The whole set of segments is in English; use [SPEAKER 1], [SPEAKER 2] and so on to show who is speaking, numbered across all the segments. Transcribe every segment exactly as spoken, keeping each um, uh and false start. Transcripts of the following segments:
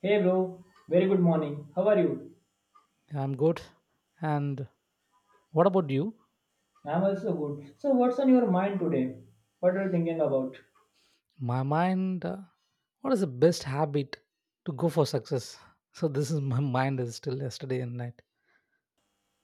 [SPEAKER 1] Hey bro, very good morning. How are you?
[SPEAKER 2] I'm good. And what about you?
[SPEAKER 1] I'm also good. So what's on your mind today? What are you thinking about?
[SPEAKER 2] My mind, uh, what is the best habit to go for success? So this is my mind is still yesterday and night.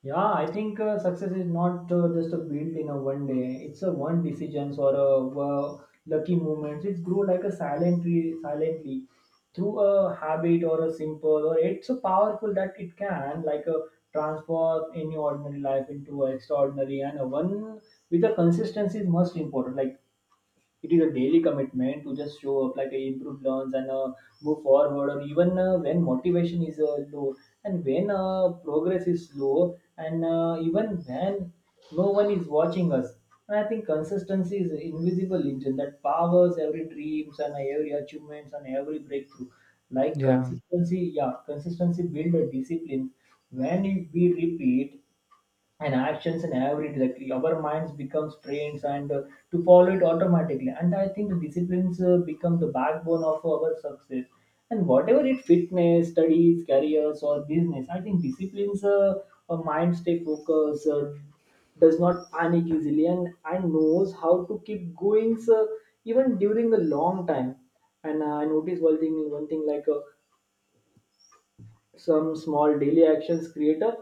[SPEAKER 1] Yeah, I think uh, success is not uh, just a built in a one day. It's a one decisions or a uh, lucky moments. It grow like a silent tree, silently through a habit or a simple or it's so powerful that it can like a transform any ordinary life into a extraordinary and a one with a consistency is most important. Like it is a daily commitment to just show up like a improve learns and uh, move forward or even uh, when motivation is uh, low and when uh, progress is slow and uh, even when no one is watching us. And I think consistency is an invisible engine that powers every dreams and every achievements and every breakthrough. Like
[SPEAKER 2] Yeah,
[SPEAKER 1] consistency, yeah, consistency builds a discipline when we repeat and actions and every directly, our minds becomes trained and uh, to follow it automatically. And I think the disciplines uh, become the backbone of our success, and whatever it fitness studies careers or business, I think disciplines uh, a mind stay focused, uh, does not panic easily and and knows how to keep going. So even during a long time, and uh, I noticed one thing one thing like uh, some small daily actions create a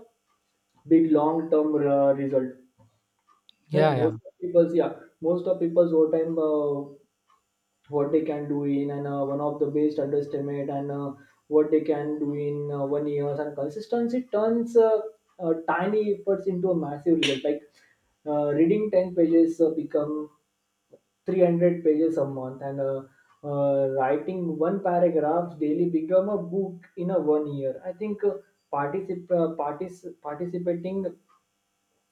[SPEAKER 1] big long term uh, result. Like
[SPEAKER 2] yeah,
[SPEAKER 1] most
[SPEAKER 2] yeah,
[SPEAKER 1] of people's, yeah, most of people's overtime, uh, what they can do in and uh, one of the best underestimate and uh, what they can do in uh, one year, and consistency turns uh, uh, tiny efforts into a massive result. Like uh, reading ten pages uh, become three hundred pages a month, and uh, uh, writing one paragraph daily become a book in a one year. I think uh, particip- uh, partic- participating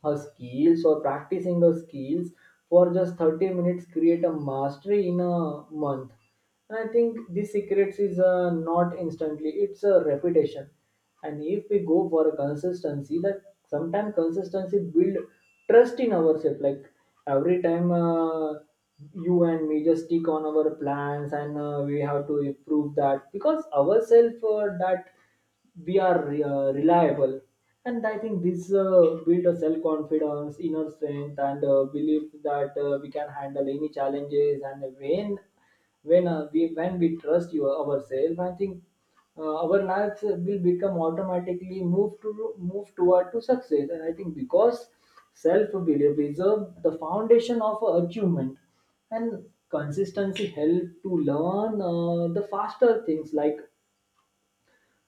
[SPEAKER 1] her skills or practicing her skills for just thirty minutes create a mastery in a month. And I think this secrets is uh, not instantly, it's a reputation. And if we go for a consistency that sometimes consistency build trust in ourselves. Like every time uh, you and me just stick on our plans and uh, we have to improve that because ourselves uh, that we are uh, reliable. And I think this uh, build a self confidence inner strength and uh, belief that uh, we can handle any challenges. And when when uh, we when we trust you ourselves, I think uh, our lives will become automatically move to move toward to success. And I think because self belief is uh, the foundation of achievement. And consistency help to learn uh, the faster things. Like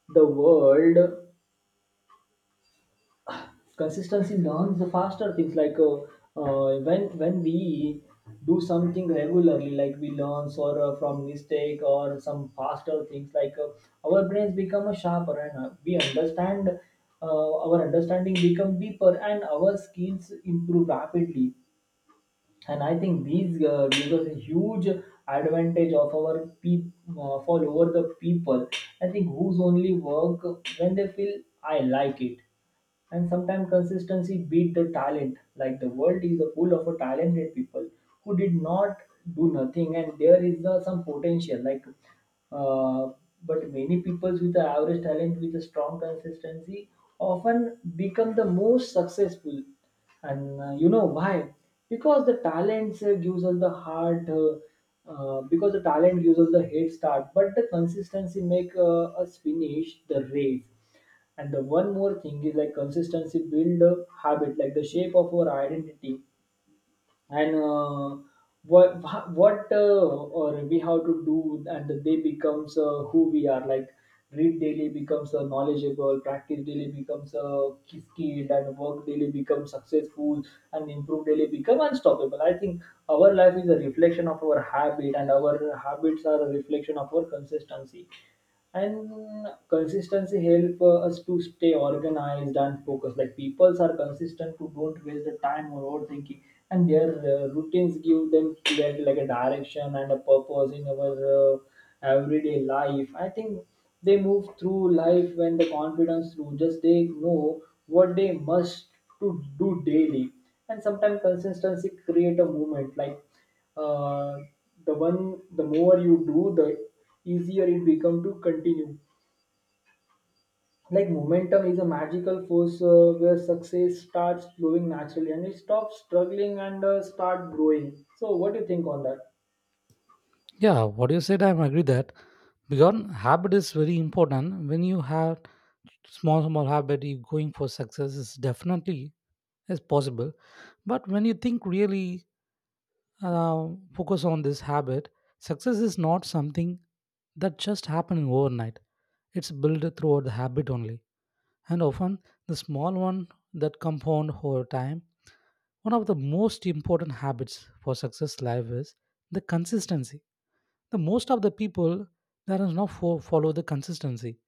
[SPEAKER 1] the world consistency learns the faster things like uh, uh, when when we do something regularly, like we learn or uh, from mistake or some faster things like uh, our brains become a sharper and uh, we understand uh, our understanding become deeper and our skills improve rapidly. And I think these uh, gives us a huge advantage of our peop uh, for over the people, I think, whose only work when they feel I like it. And sometimes consistency beat the talent. Like the world is full of talented people who did not do nothing and there is uh, some potential like uh, but many people with the average talent with a strong consistency often become the most successful. And uh, you know why? Because the talents uh, gives us the heart uh, uh, because the talent gives us the head start, but the consistency make uh, us finish the race. And the one more thing is like consistency build a habit, like the shape of our identity, and uh, what what uh, or we have to do, and they becomes uh, who we are. Like read daily becomes uh, knowledgeable, practice daily becomes uh, skilled, and work daily becomes successful, and improve daily become unstoppable. I think our life is a reflection of our habit, and our habits are a reflection of our consistency. And consistency help uh, us to stay organized and focused. Like peoples are consistent to don't waste the time or overthinking, and their uh, routines give them clear like a direction and a purpose in our uh, everyday life. I think they move through life when the confidence through just they know what they must to do daily. And sometimes consistency create a movement, like uh, the one the more you do, the easier it become to continue. Like momentum is a magical force uh, where success starts flowing naturally and it stops struggling and uh, start growing. So what do you think on that?
[SPEAKER 2] yeah. What you said, I agree that because habit is very important. When you have small, small habit, you going for success is definitely is possible. But when you think really uh, focus on this habit, success is not something that just happening overnight. It's built throughout the habit only, and often the small one that compound over time. One of the most important habits for success life is the consistency. The most of the people that is not fo- follow the consistency.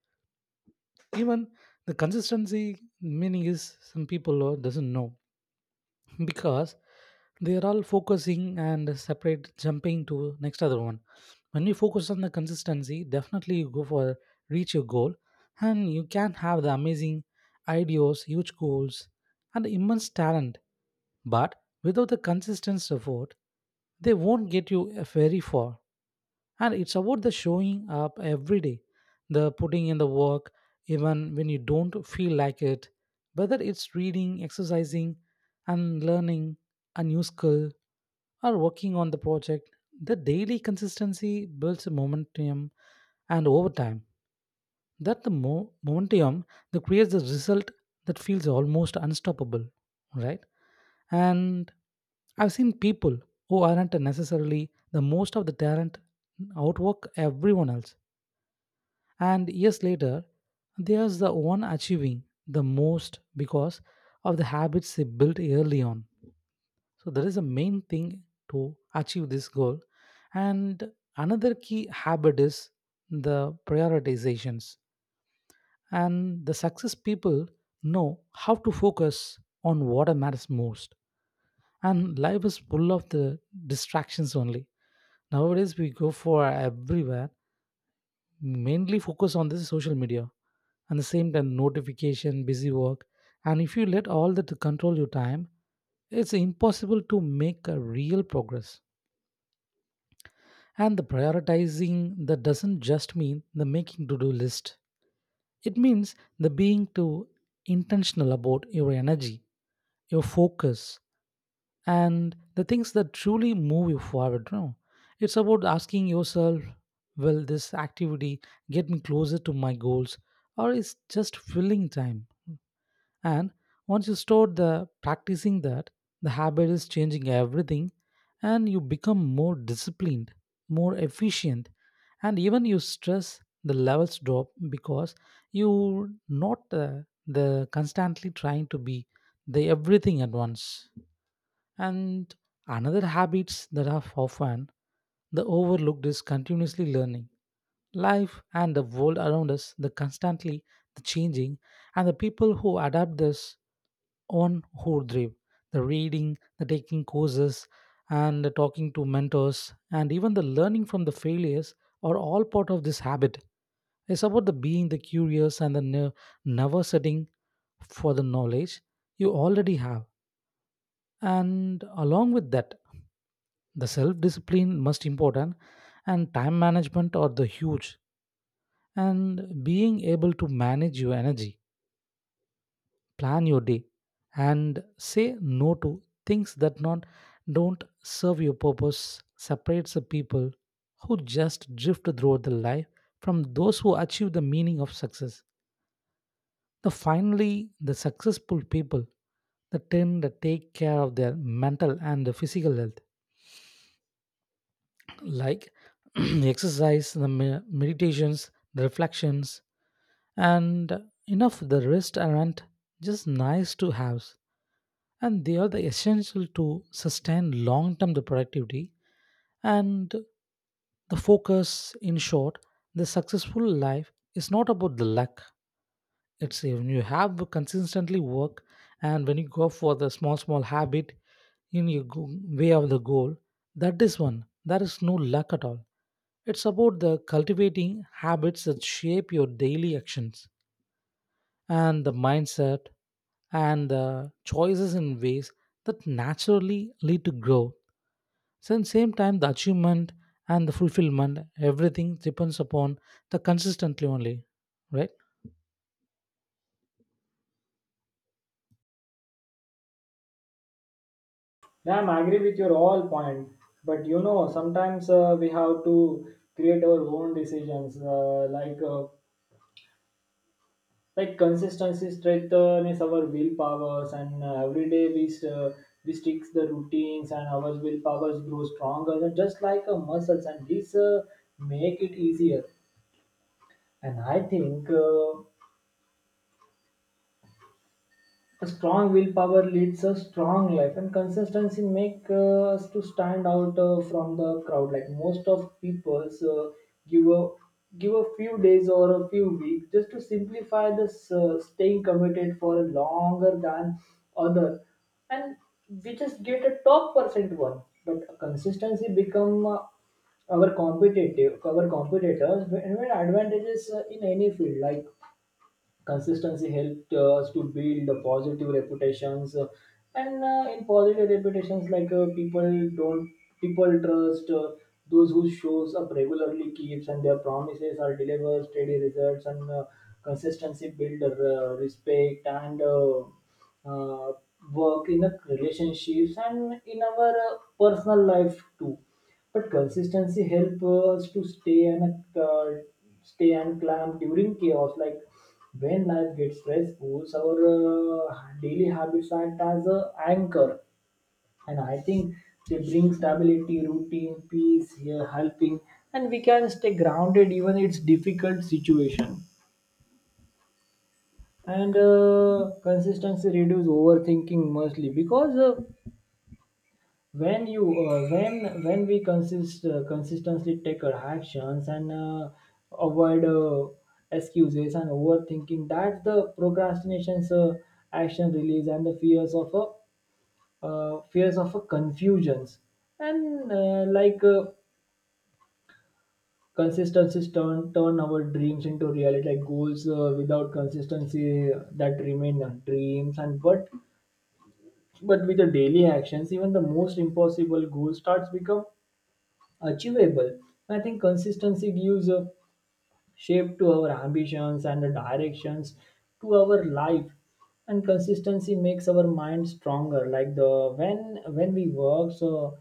[SPEAKER 2] Even the consistency meaning is some people uh, doesn't know because they are all focusing and separate jumping to next other one. When you focus on the consistency, definitely you go for reach your goal and you can have the amazing ideas, huge goals and immense talent, but without the consistent effort they won't get you uh, very far. And it's about the showing up every day, the putting in the work even when you don't feel like it, whether it's reading, exercising and learning a new skill or working on the project. The daily consistency builds momentum, and over time that the mo- momentum that creates the result that feels almost unstoppable, right? And I've seen people who aren't necessarily the most of the talent outwork everyone else. And years later, there's the one achieving the most because of the habits they built early on. So that is the main thing to achieve this goal. And another key habit is the prioritizations. And the success people know how to focus on what matters most. And life is full of the distractions only. Nowadays we go for everywhere, mainly focus on this social media and the same time notification busy work. And if you let all that to control your time, it's impossible to make a real progress. And the prioritizing that doesn't just mean the making to do list, it means the being too intentional about your energy, your focus and the things that truly move you forward, you know. It's about asking yourself, will this activity get me closer to my goals or is just filling time? And once you start the practicing that, the habit is changing everything, and you become more disciplined, more efficient, and even your stress the levels drop because you're not uh, the constantly trying to be the everything at once. And another habits that are often the overlooked is continuously learning. Life and the world around us, the constantly the changing, and the people who adapt this on who drive the reading, the taking courses, and the talking to mentors, and even the learning from the failures are all part of this habit. It's about the being the curious and the ne- never setting for the knowledge you already have. And along with that, the self discipline must important and time management are the huge, and being able to manage your energy, plan your day and say no to things that not, don't serve your purpose separates the people who just drift throughout the life from those who achieve the meaning of success. The finally the successful people the tend to take care of their mental and the physical health, like the exercise, the me- meditations, the reflections, and enough the rest aren't just nice to have, and they are the essential to sustain long-term the productivity and the focus. In short, the successful life is not about the luck; it's when you have consistently work and when you go for the small small habit in your go- way of the goal. That is one, there is no luck at all. It's about the cultivating habits that shape your daily actions and the mindset and the choices in ways that naturally lead to growth. So at the same time, the achievement and the fulfillment, everything depends upon the consistently only, right?
[SPEAKER 1] Ma'am, I agree with your all point, but you know sometimes uh, we have to create our own decisions. Uh, like uh, like consistency strengthens our willpowers, and uh, every day we uh, we stick the routines and our willpowers grow stronger and just like uh, muscles, and this uh, make it easier. And I think uh, a strong willpower leads a strong life, and consistency make uh, us to stand out uh, from the crowd. Like most of people's uh, give a give a few days or a few weeks just to simplify this uh, staying committed for longer than other, and we just get a top percent one. But consistency become uh, our competitive our competitors and when advantages uh, in any field. Like consistency helped uh, us to build the positive reputations, uh, and uh, in positive reputations, like uh, people don't people trust uh, those who shows up regularly, keeps, and their promises are delivered steady results, and uh, consistency build uh, respect and uh, uh, work in the relationships and in our uh, personal life too. But consistency helps us to stay and uh, stay and climb during chaos. Like when life gets stressful, our uh, daily habits act as a anchor, and I think they bring stability, routine, peace, here helping, and we can stay grounded even it's difficult situation. And uh, consistency reduce overthinking mostly because. Uh, when you uh, when when we consist uh, consistently take our actions and uh, avoid uh, excuses and overthinking, that's the procrastination's uh, action release and the fears of a uh, fears of a confusions. And uh, like uh, consistencies turn turn our dreams into reality. Like goals uh, without consistency uh, that remain uh, dreams. And but but with the daily actions, even the most impossible goal starts become achievable. I think consistency gives a shape to our ambitions and the directions to our life. And consistency makes our mind stronger. Like the when when we work, so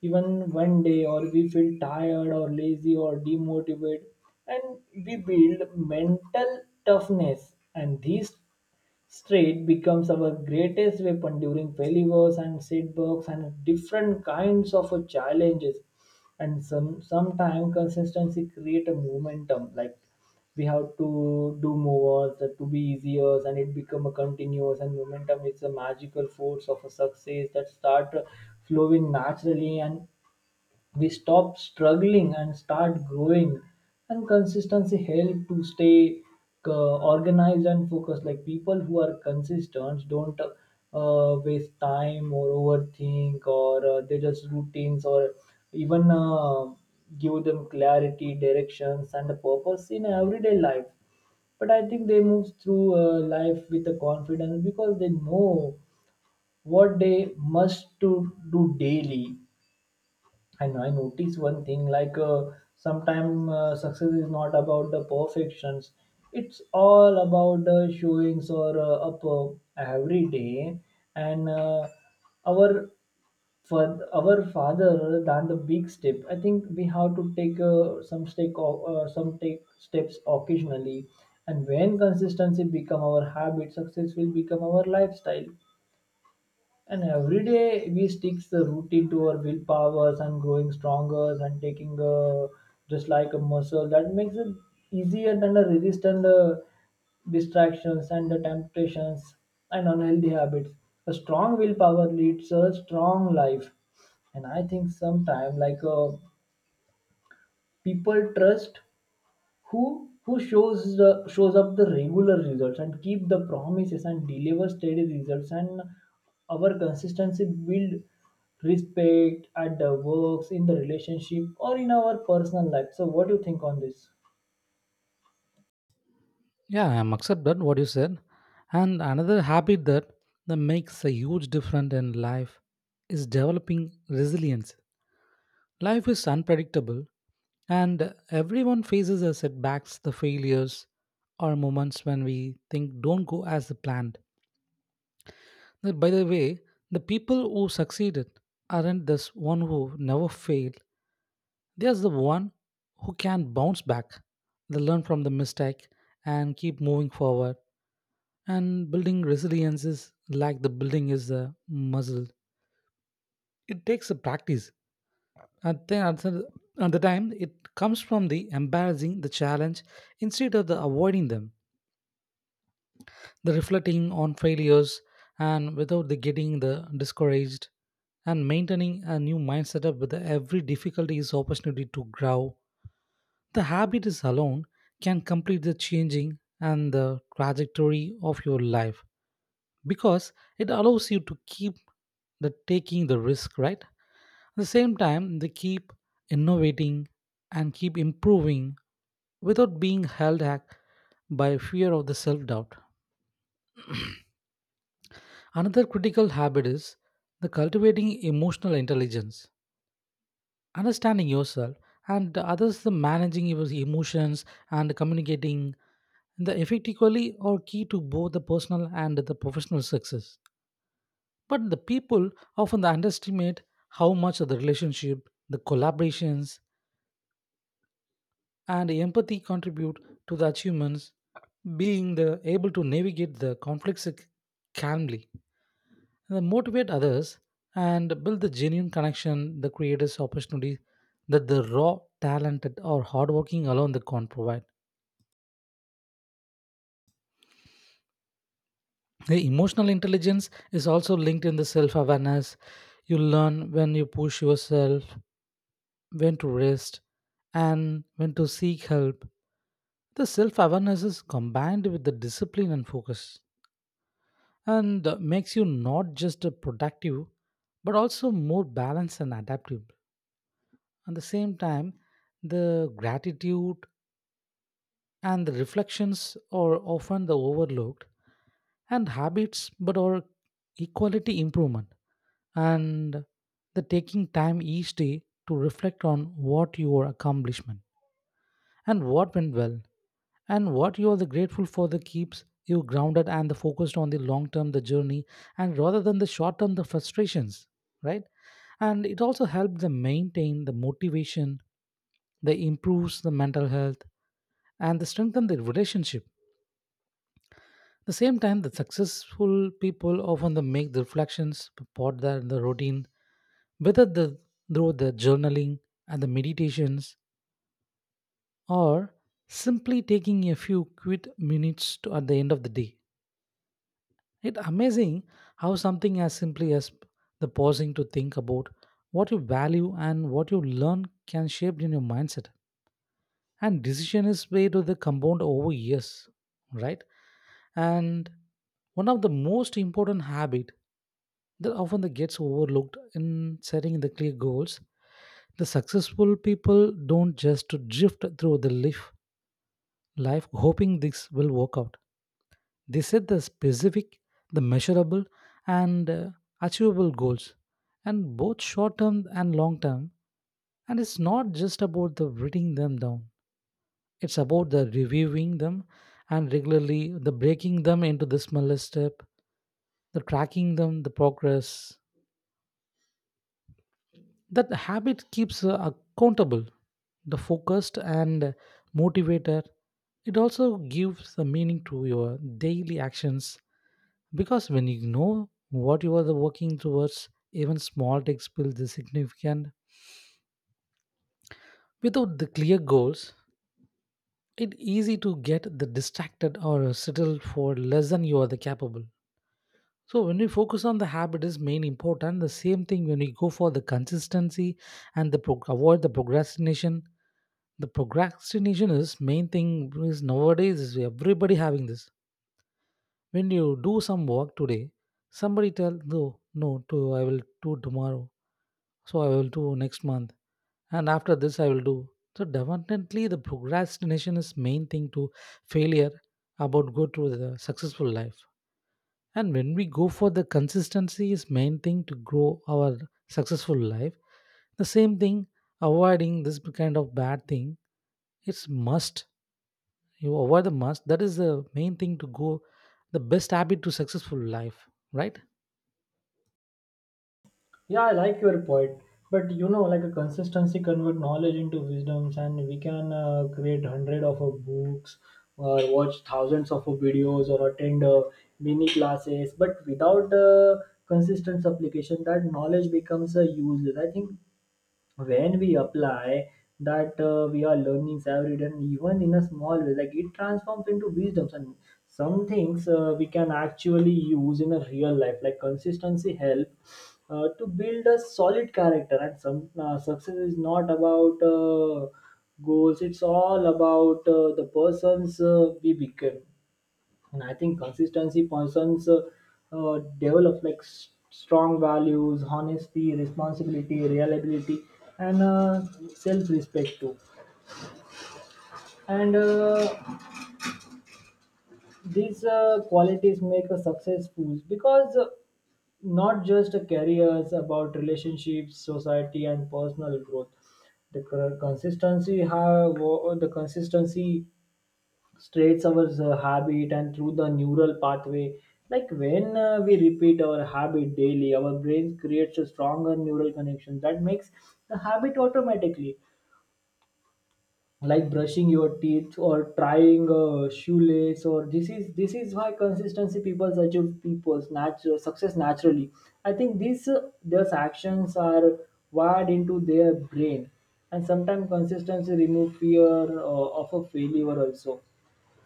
[SPEAKER 1] even one day or we feel tired or lazy or demotivated, and we build mental toughness. And these Street becomes our greatest weapon during failures and setbacks and different kinds of uh, challenges. And some sometimes consistency create a momentum. Like we have to do more that to be easier, and it become a continuous, and momentum is a magical force of a success that start uh, flowing naturally, and we stop struggling and start growing. And consistency help to stay uh, organized and focused. Like people who are consistent don't uh, waste time or overthink, or uh, they just routines or even uh, give them clarity, directions, and a purpose in everyday life. But I think they move through uh, life with a confidence because they know what they must to do daily. And I notice one thing like uh, sometimes uh, success is not about the perfections, it's all about the showings or uh, up uh, every day. And uh, Our for our father than the big step, I think we have to take uh, some step o- uh, some take steps occasionally. And when consistency become our habit, success will become our lifestyle. And every day we sticks the routine to our willpowers and growing stronger and taking uh, just like a muscle. That makes it easier than a resistant uh, distractions and the temptations and unhealthy habits. A strong willpower leads a strong life. And I think sometimes like uh, people trust who who shows the, shows up the regular results and keep the promises and deliver steady results. And our consistency build respect at the works in the relationship or in our personal life. So what do you think on this?
[SPEAKER 2] Yeah, I'm accept that what you said. And another habit that that makes a huge difference in life is developing resilience. Life is unpredictable and everyone faces the setbacks, the failures or moments when we think don't go as planned. That, by the way, the people who succeeded aren't the one who never failed. They are the one who can bounce back. They learn from the mistake and keep moving forward. And building resilience is like the building is a muscle. It takes a practice. At the, at the, at the time, it comes from the embarrassing the challenge instead of the avoiding them. The reflecting on failures and without the getting the discouraged and maintaining a new mindset up with every difficulty is opportunity to grow. The habit is alone can complete the changing and the trajectory of your life because it allows you to keep the taking the risk, right? At the same time, they keep innovating and keep improving without being held back by fear of the self doubt. Another critical habit is the cultivating emotional intelligence, understanding yourself and others, the managing your emotions and communicating the effectively are key to both the personal and the professional success. But the people often underestimate how much of the relationship, the collaborations, and empathy contribute to the achievements, being the able to navigate the conflicts calmly, and then motivate others and build the genuine connection the creators opportunity that the raw talented or hardworking alone that can't provide. The emotional intelligence is also linked in the self-awareness. You learn when you push yourself, when to rest and when to seek help. The self-awareness is combined with the discipline and focus, and uh, makes you not just uh, productive but also more balanced and adaptive. At the same time, the gratitude and the reflections are often the overlooked and habits but are equality improvement. And the taking time each day to reflect on what your accomplishment and what went well and what you are the grateful for, the keeps you grounded and the focused on the long term the journey and rather than the short term the frustrations, right? And it also helps them maintain the motivation. They improves the mental health and they strengthen the relationship. At the same time, the successful people often they make the reflections about their the routine, whether the through the journaling and the meditations or simply taking a few quick minutes to, at the end of the day. It's amazing how something as simply as the pausing to think about what you value and what you learn can shape in your mindset and decision is made to the compound over years, right? And one of the most important habit that often that gets overlooked in setting the clear goals, the successful people don't just to drift through the life, life hoping this will work out. They set the specific, the measurable, and uh, achievable goals, and both short term and long term. And it's not just about the writing them down. It's about the reviewing them and regularly the breaking them into the smallest step, the tracking them the progress. That habit keeps uh, accountable, the focused and motivated. It also gives the meaning to your daily actions because when you know what you are the working towards, even small takes build the significant. Without the clear goals, it easy to get the distracted or settle for less than you are the capable. So when we focus on the habit is main important, the same thing when we go for the consistency and the pro- avoid the procrastination. The procrastination is main thing is nowadays is everybody having this. When you do some work today, somebody tell, no, no, to I will do tomorrow, so I will do next month, and after this I will do. So definitely the procrastination is main thing to failure about go to the successful life. And when we go for the consistency is main thing to grow our successful life, the same thing avoiding this kind of bad thing, it's must. You avoid the must, that is the main thing to go the best habit to successful life, right?
[SPEAKER 1] Yeah, I like your point, but you know, like a consistency convert knowledge into wisdoms, and we can uh, create hundred of uh, books, or watch thousands of uh, videos, or attend uh, mini classes. But without uh, consistent application, that knowledge becomes uh, useless. I think when we apply that uh, we are learning every day and even in a small way, like it transforms into wisdoms and some things uh, we can actually use in a real life. Like consistency help uh, to build a solid character. And some uh, success is not about uh, goals, it's all about uh, the persons uh, we become. And I think consistency persons uh, uh, develop like s- strong values, honesty, responsibility, reliability, and uh, self-respect too. And uh, these uh, qualities make a successful, because uh, not just a careers, about relationships, society and personal growth. The cur- consistency have uh, the consistency straights our uh, habit and through the neural pathway. Like when uh, we repeat our habit daily, our brain creates a stronger neural connection that makes the habit automatically. Like brushing your teeth or trying a shoelace, or this is this is why consistency people achieve people's natural success naturally. I think these uh, these actions are wired into their brain, and sometimes consistency remove fear uh, of a failure also.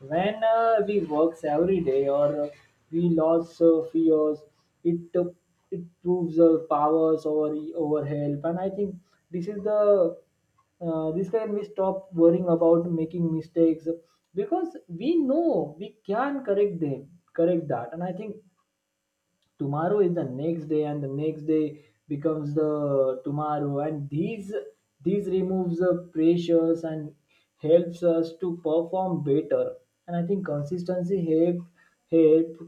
[SPEAKER 1] When uh, we works every day, or uh, we lost uh, fears. It uh, it proves uh, powers over over help. And I think this is the uh, this time we stop worrying about making mistakes because we know we can correct them, correct that. And I think tomorrow is the next day, and the next day becomes the tomorrow, and these these removes the pressures and helps us to perform better. And I think consistency help, help,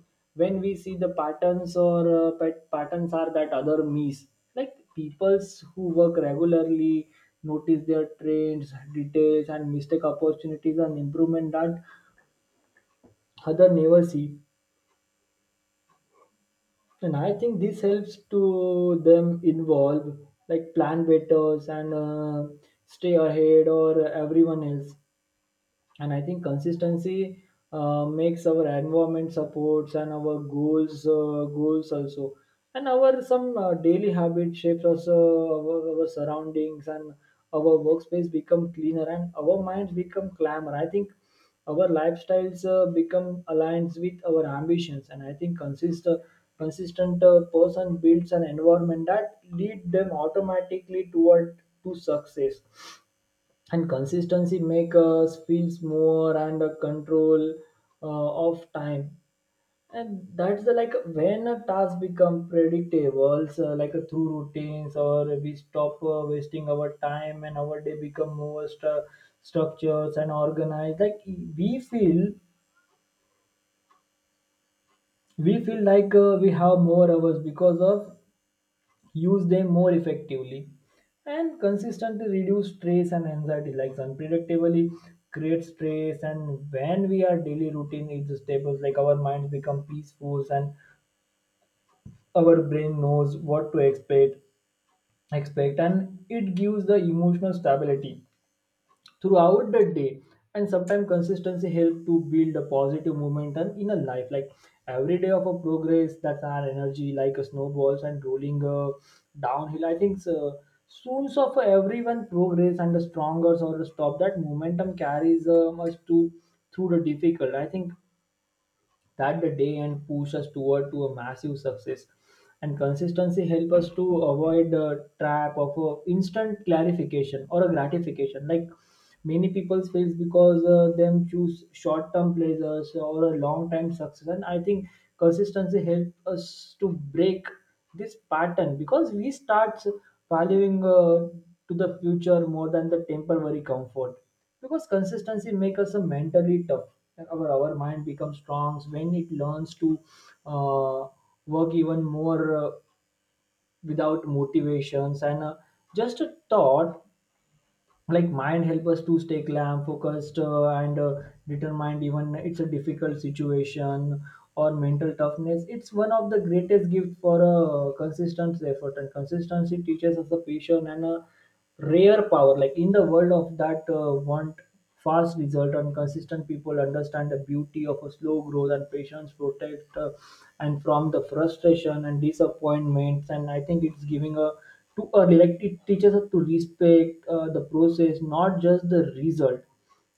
[SPEAKER 1] when we see the patterns, or uh, pat- patterns are that other miss. Like peoples who work regularly notice their trends, details and mistake, opportunities and improvement that other never see. And I think this helps to them involve, like plan betters, and uh, stay ahead or everyone else. And I think consistency uh, makes our environment supports, and our goals uh, goals also. And our some uh, daily habit shapes also our, our surroundings, and our workspace become cleaner and our minds become calmer. I think our lifestyles uh, become aligned with our ambitions. And I think consist consistent uh, person builds an environment that lead them automatically toward to success. And consistency make us feels more and a control uh, of time. And that's the, like when a task become predictable, so like uh, through routines, or we stop uh, wasting our time, and our day become more stru- structures and organized. Like we feel we feel like uh, we have more hours because of use them more effectively. And consistently reduce stress and anxiety, like unpredictably create stress, and when we are daily routine is stable, like our minds become peaceful and our brain knows what to expect expect and it gives the emotional stability throughout the day. And sometimes consistency help to build a positive momentum in a life, like every day of a progress, that's our energy like a snowballs and rolling uh, downhill. I think uh, soon of everyone progress, and the stronger or the stop, that momentum carries um, us to through the difficult. I think that the day, and push us toward to a massive success. And consistency help us to avoid the trap of a instant clarification or a gratification. Like many people fails because uh, them choose short term pleasures or a long time success. And I think consistency help us to break this pattern because we start valuing uh, to the future more than the temporary comfort, because consistency makes us a mentally tough. Like our, our mind becomes strong when it learns to uh, work even more uh, without motivations, and uh, just a thought, like mind help us to stay calm, focused uh, and uh, determined even it's a difficult situation. Or mental toughness, it's one of the greatest gift for a consistent effort. And consistency teaches us the patience and a rare power, like in the world of that uh, want fast result, and consistent people understand the beauty of a slow growth, and patience protect uh, and from the frustration and disappointments. And I think it's giving a too early, like it teaches us to respect uh, the process, not just the result.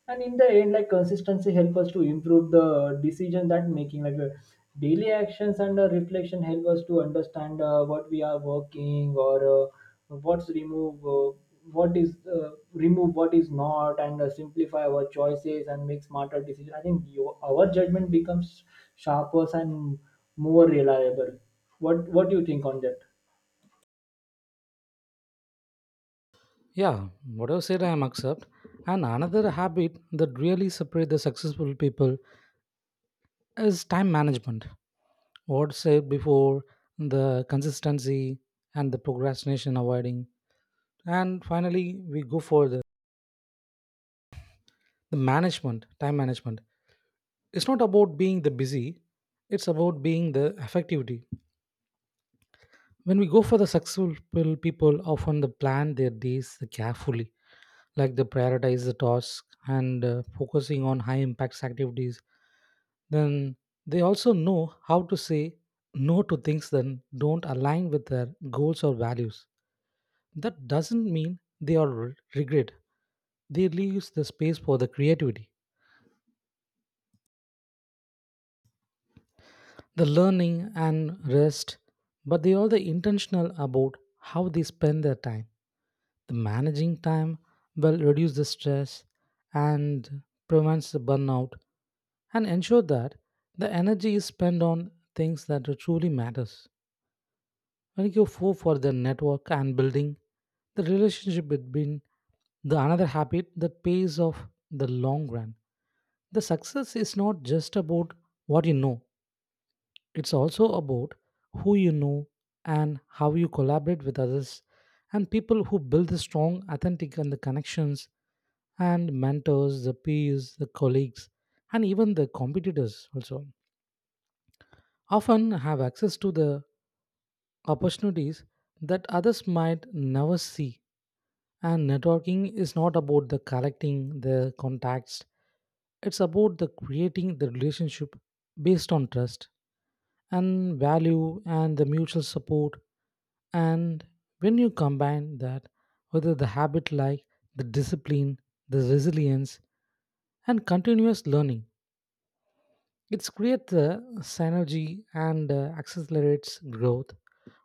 [SPEAKER 1] And in the end, like consistency help us to improve the decision that making, like uh, daily actions and uh, reflection help us to understand uh, what we are working, or uh, what's remove uh, what is uh, remove, what is not, and uh, simplify our choices and make smarter decisions. I think you, our judgment becomes sharper and more reliable. What what do you think on that?
[SPEAKER 2] Yeah, whatever said, I am accept. And another habit that really separate the successful people is time management. What said before, the consistency and the procrastination avoiding, and finally we go for the the management time management. It's not about being the busy, it's about being the effectivity. When we go for the successful people often they plan their days carefully, like they prioritize the task and uh, focusing on high impacts activities. Then they also know how to say no to things that don't align with their goals or values. That doesn't mean they are re- regret. They leaves the space for the creativity, the learning and rest, but they are the intentional about how they spend their time. The managing time will reduce the stress and prevents the burnout and ensure that the energy is spent on things that truly matters. When you go for the network and building the relationship between the another habit that pays off the long run. The success is not just about what you know, it's also about who you know and how you collaborate with others and people who build the strong, authentic and the connections and mentors, the peers, the colleagues, and even the competitors also often have access to the opportunities that others might never see. And networking is not about the collecting the contacts, it's about the creating the relationship based on trust and value and the mutual support. And when you combine that, whether the habit like the discipline, the resilience, and continuous learning, it creates the synergy and uh, accelerates growth,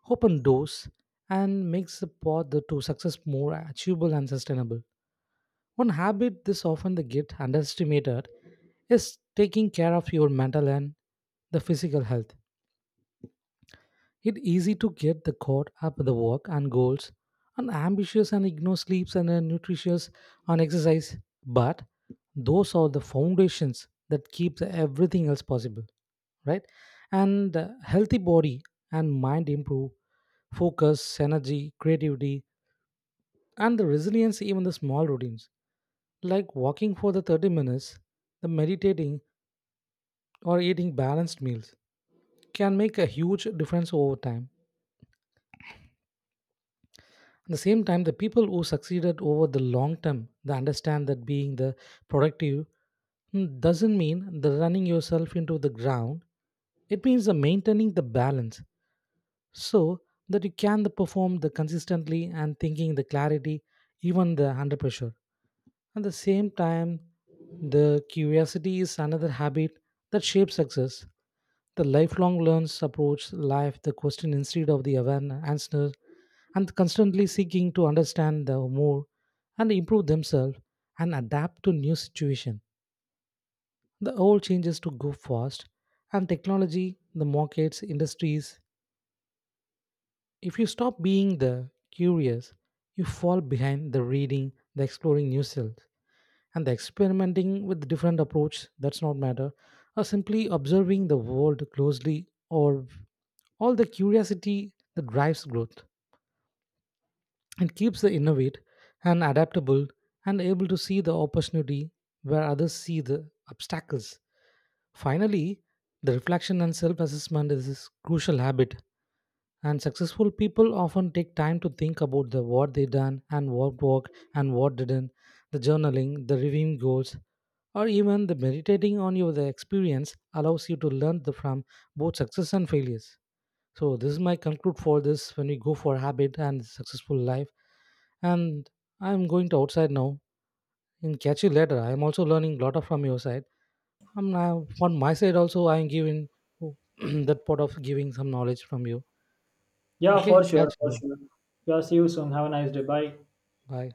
[SPEAKER 2] open doors, and makes the path the- to success more achievable and sustainable. One habit this often they get underestimated is taking care of your mental and the physical health. It's easy to get the caught up in the work and goals and ambitious and ignore sleeps and uh, nutritious on exercise, but those are the foundations that keep the everything else possible, right, and uh, healthy body and mind improve focus, energy, creativity, and the resilience, even the small routines like walking for the thirty minutes, the meditating, or eating balanced meals can make a huge difference over time. At the same time, the people who succeeded over the long term, they understand that being the productive mm, doesn't mean the running yourself into the ground. It means the maintaining the balance so that you can the perform the consistently and thinking the clarity even the under pressure. At the same time, the curiosity is another habit that shapes success. The lifelong learns approach life the question instead of the awareness answer and constantly seeking to understand the more and improve themselves and adapt to new situation. The old changes to go fast and technology, the markets, industries. If you stop being the curious, you fall behind the reading, the exploring new selves, and the experimenting with different approach that's not matter, or simply observing the world closely, or all the curiosity that drives growth. It keeps the innovate and adaptable and able to see the opportunity where others see the obstacles. Finally, the reflection and self assessment is a crucial habit and successful people often take time to think about the what they done and what worked and what didn't, the journaling, the reviewing goals, or even the meditating on your the experience allows you to learn the, from both success and failures. So this is my conclude for this when we go for habit and successful life. And I'm going to outside now and catch you later. I'm also learning a lot of from your side. I'm now on my side also I'm giving that part of giving some knowledge from you.
[SPEAKER 1] Yeah,
[SPEAKER 2] Okay,
[SPEAKER 1] for sure,
[SPEAKER 2] catch
[SPEAKER 1] for
[SPEAKER 2] you.
[SPEAKER 1] sure. Yeah, see you soon. Have a nice day. Bye.
[SPEAKER 2] Bye.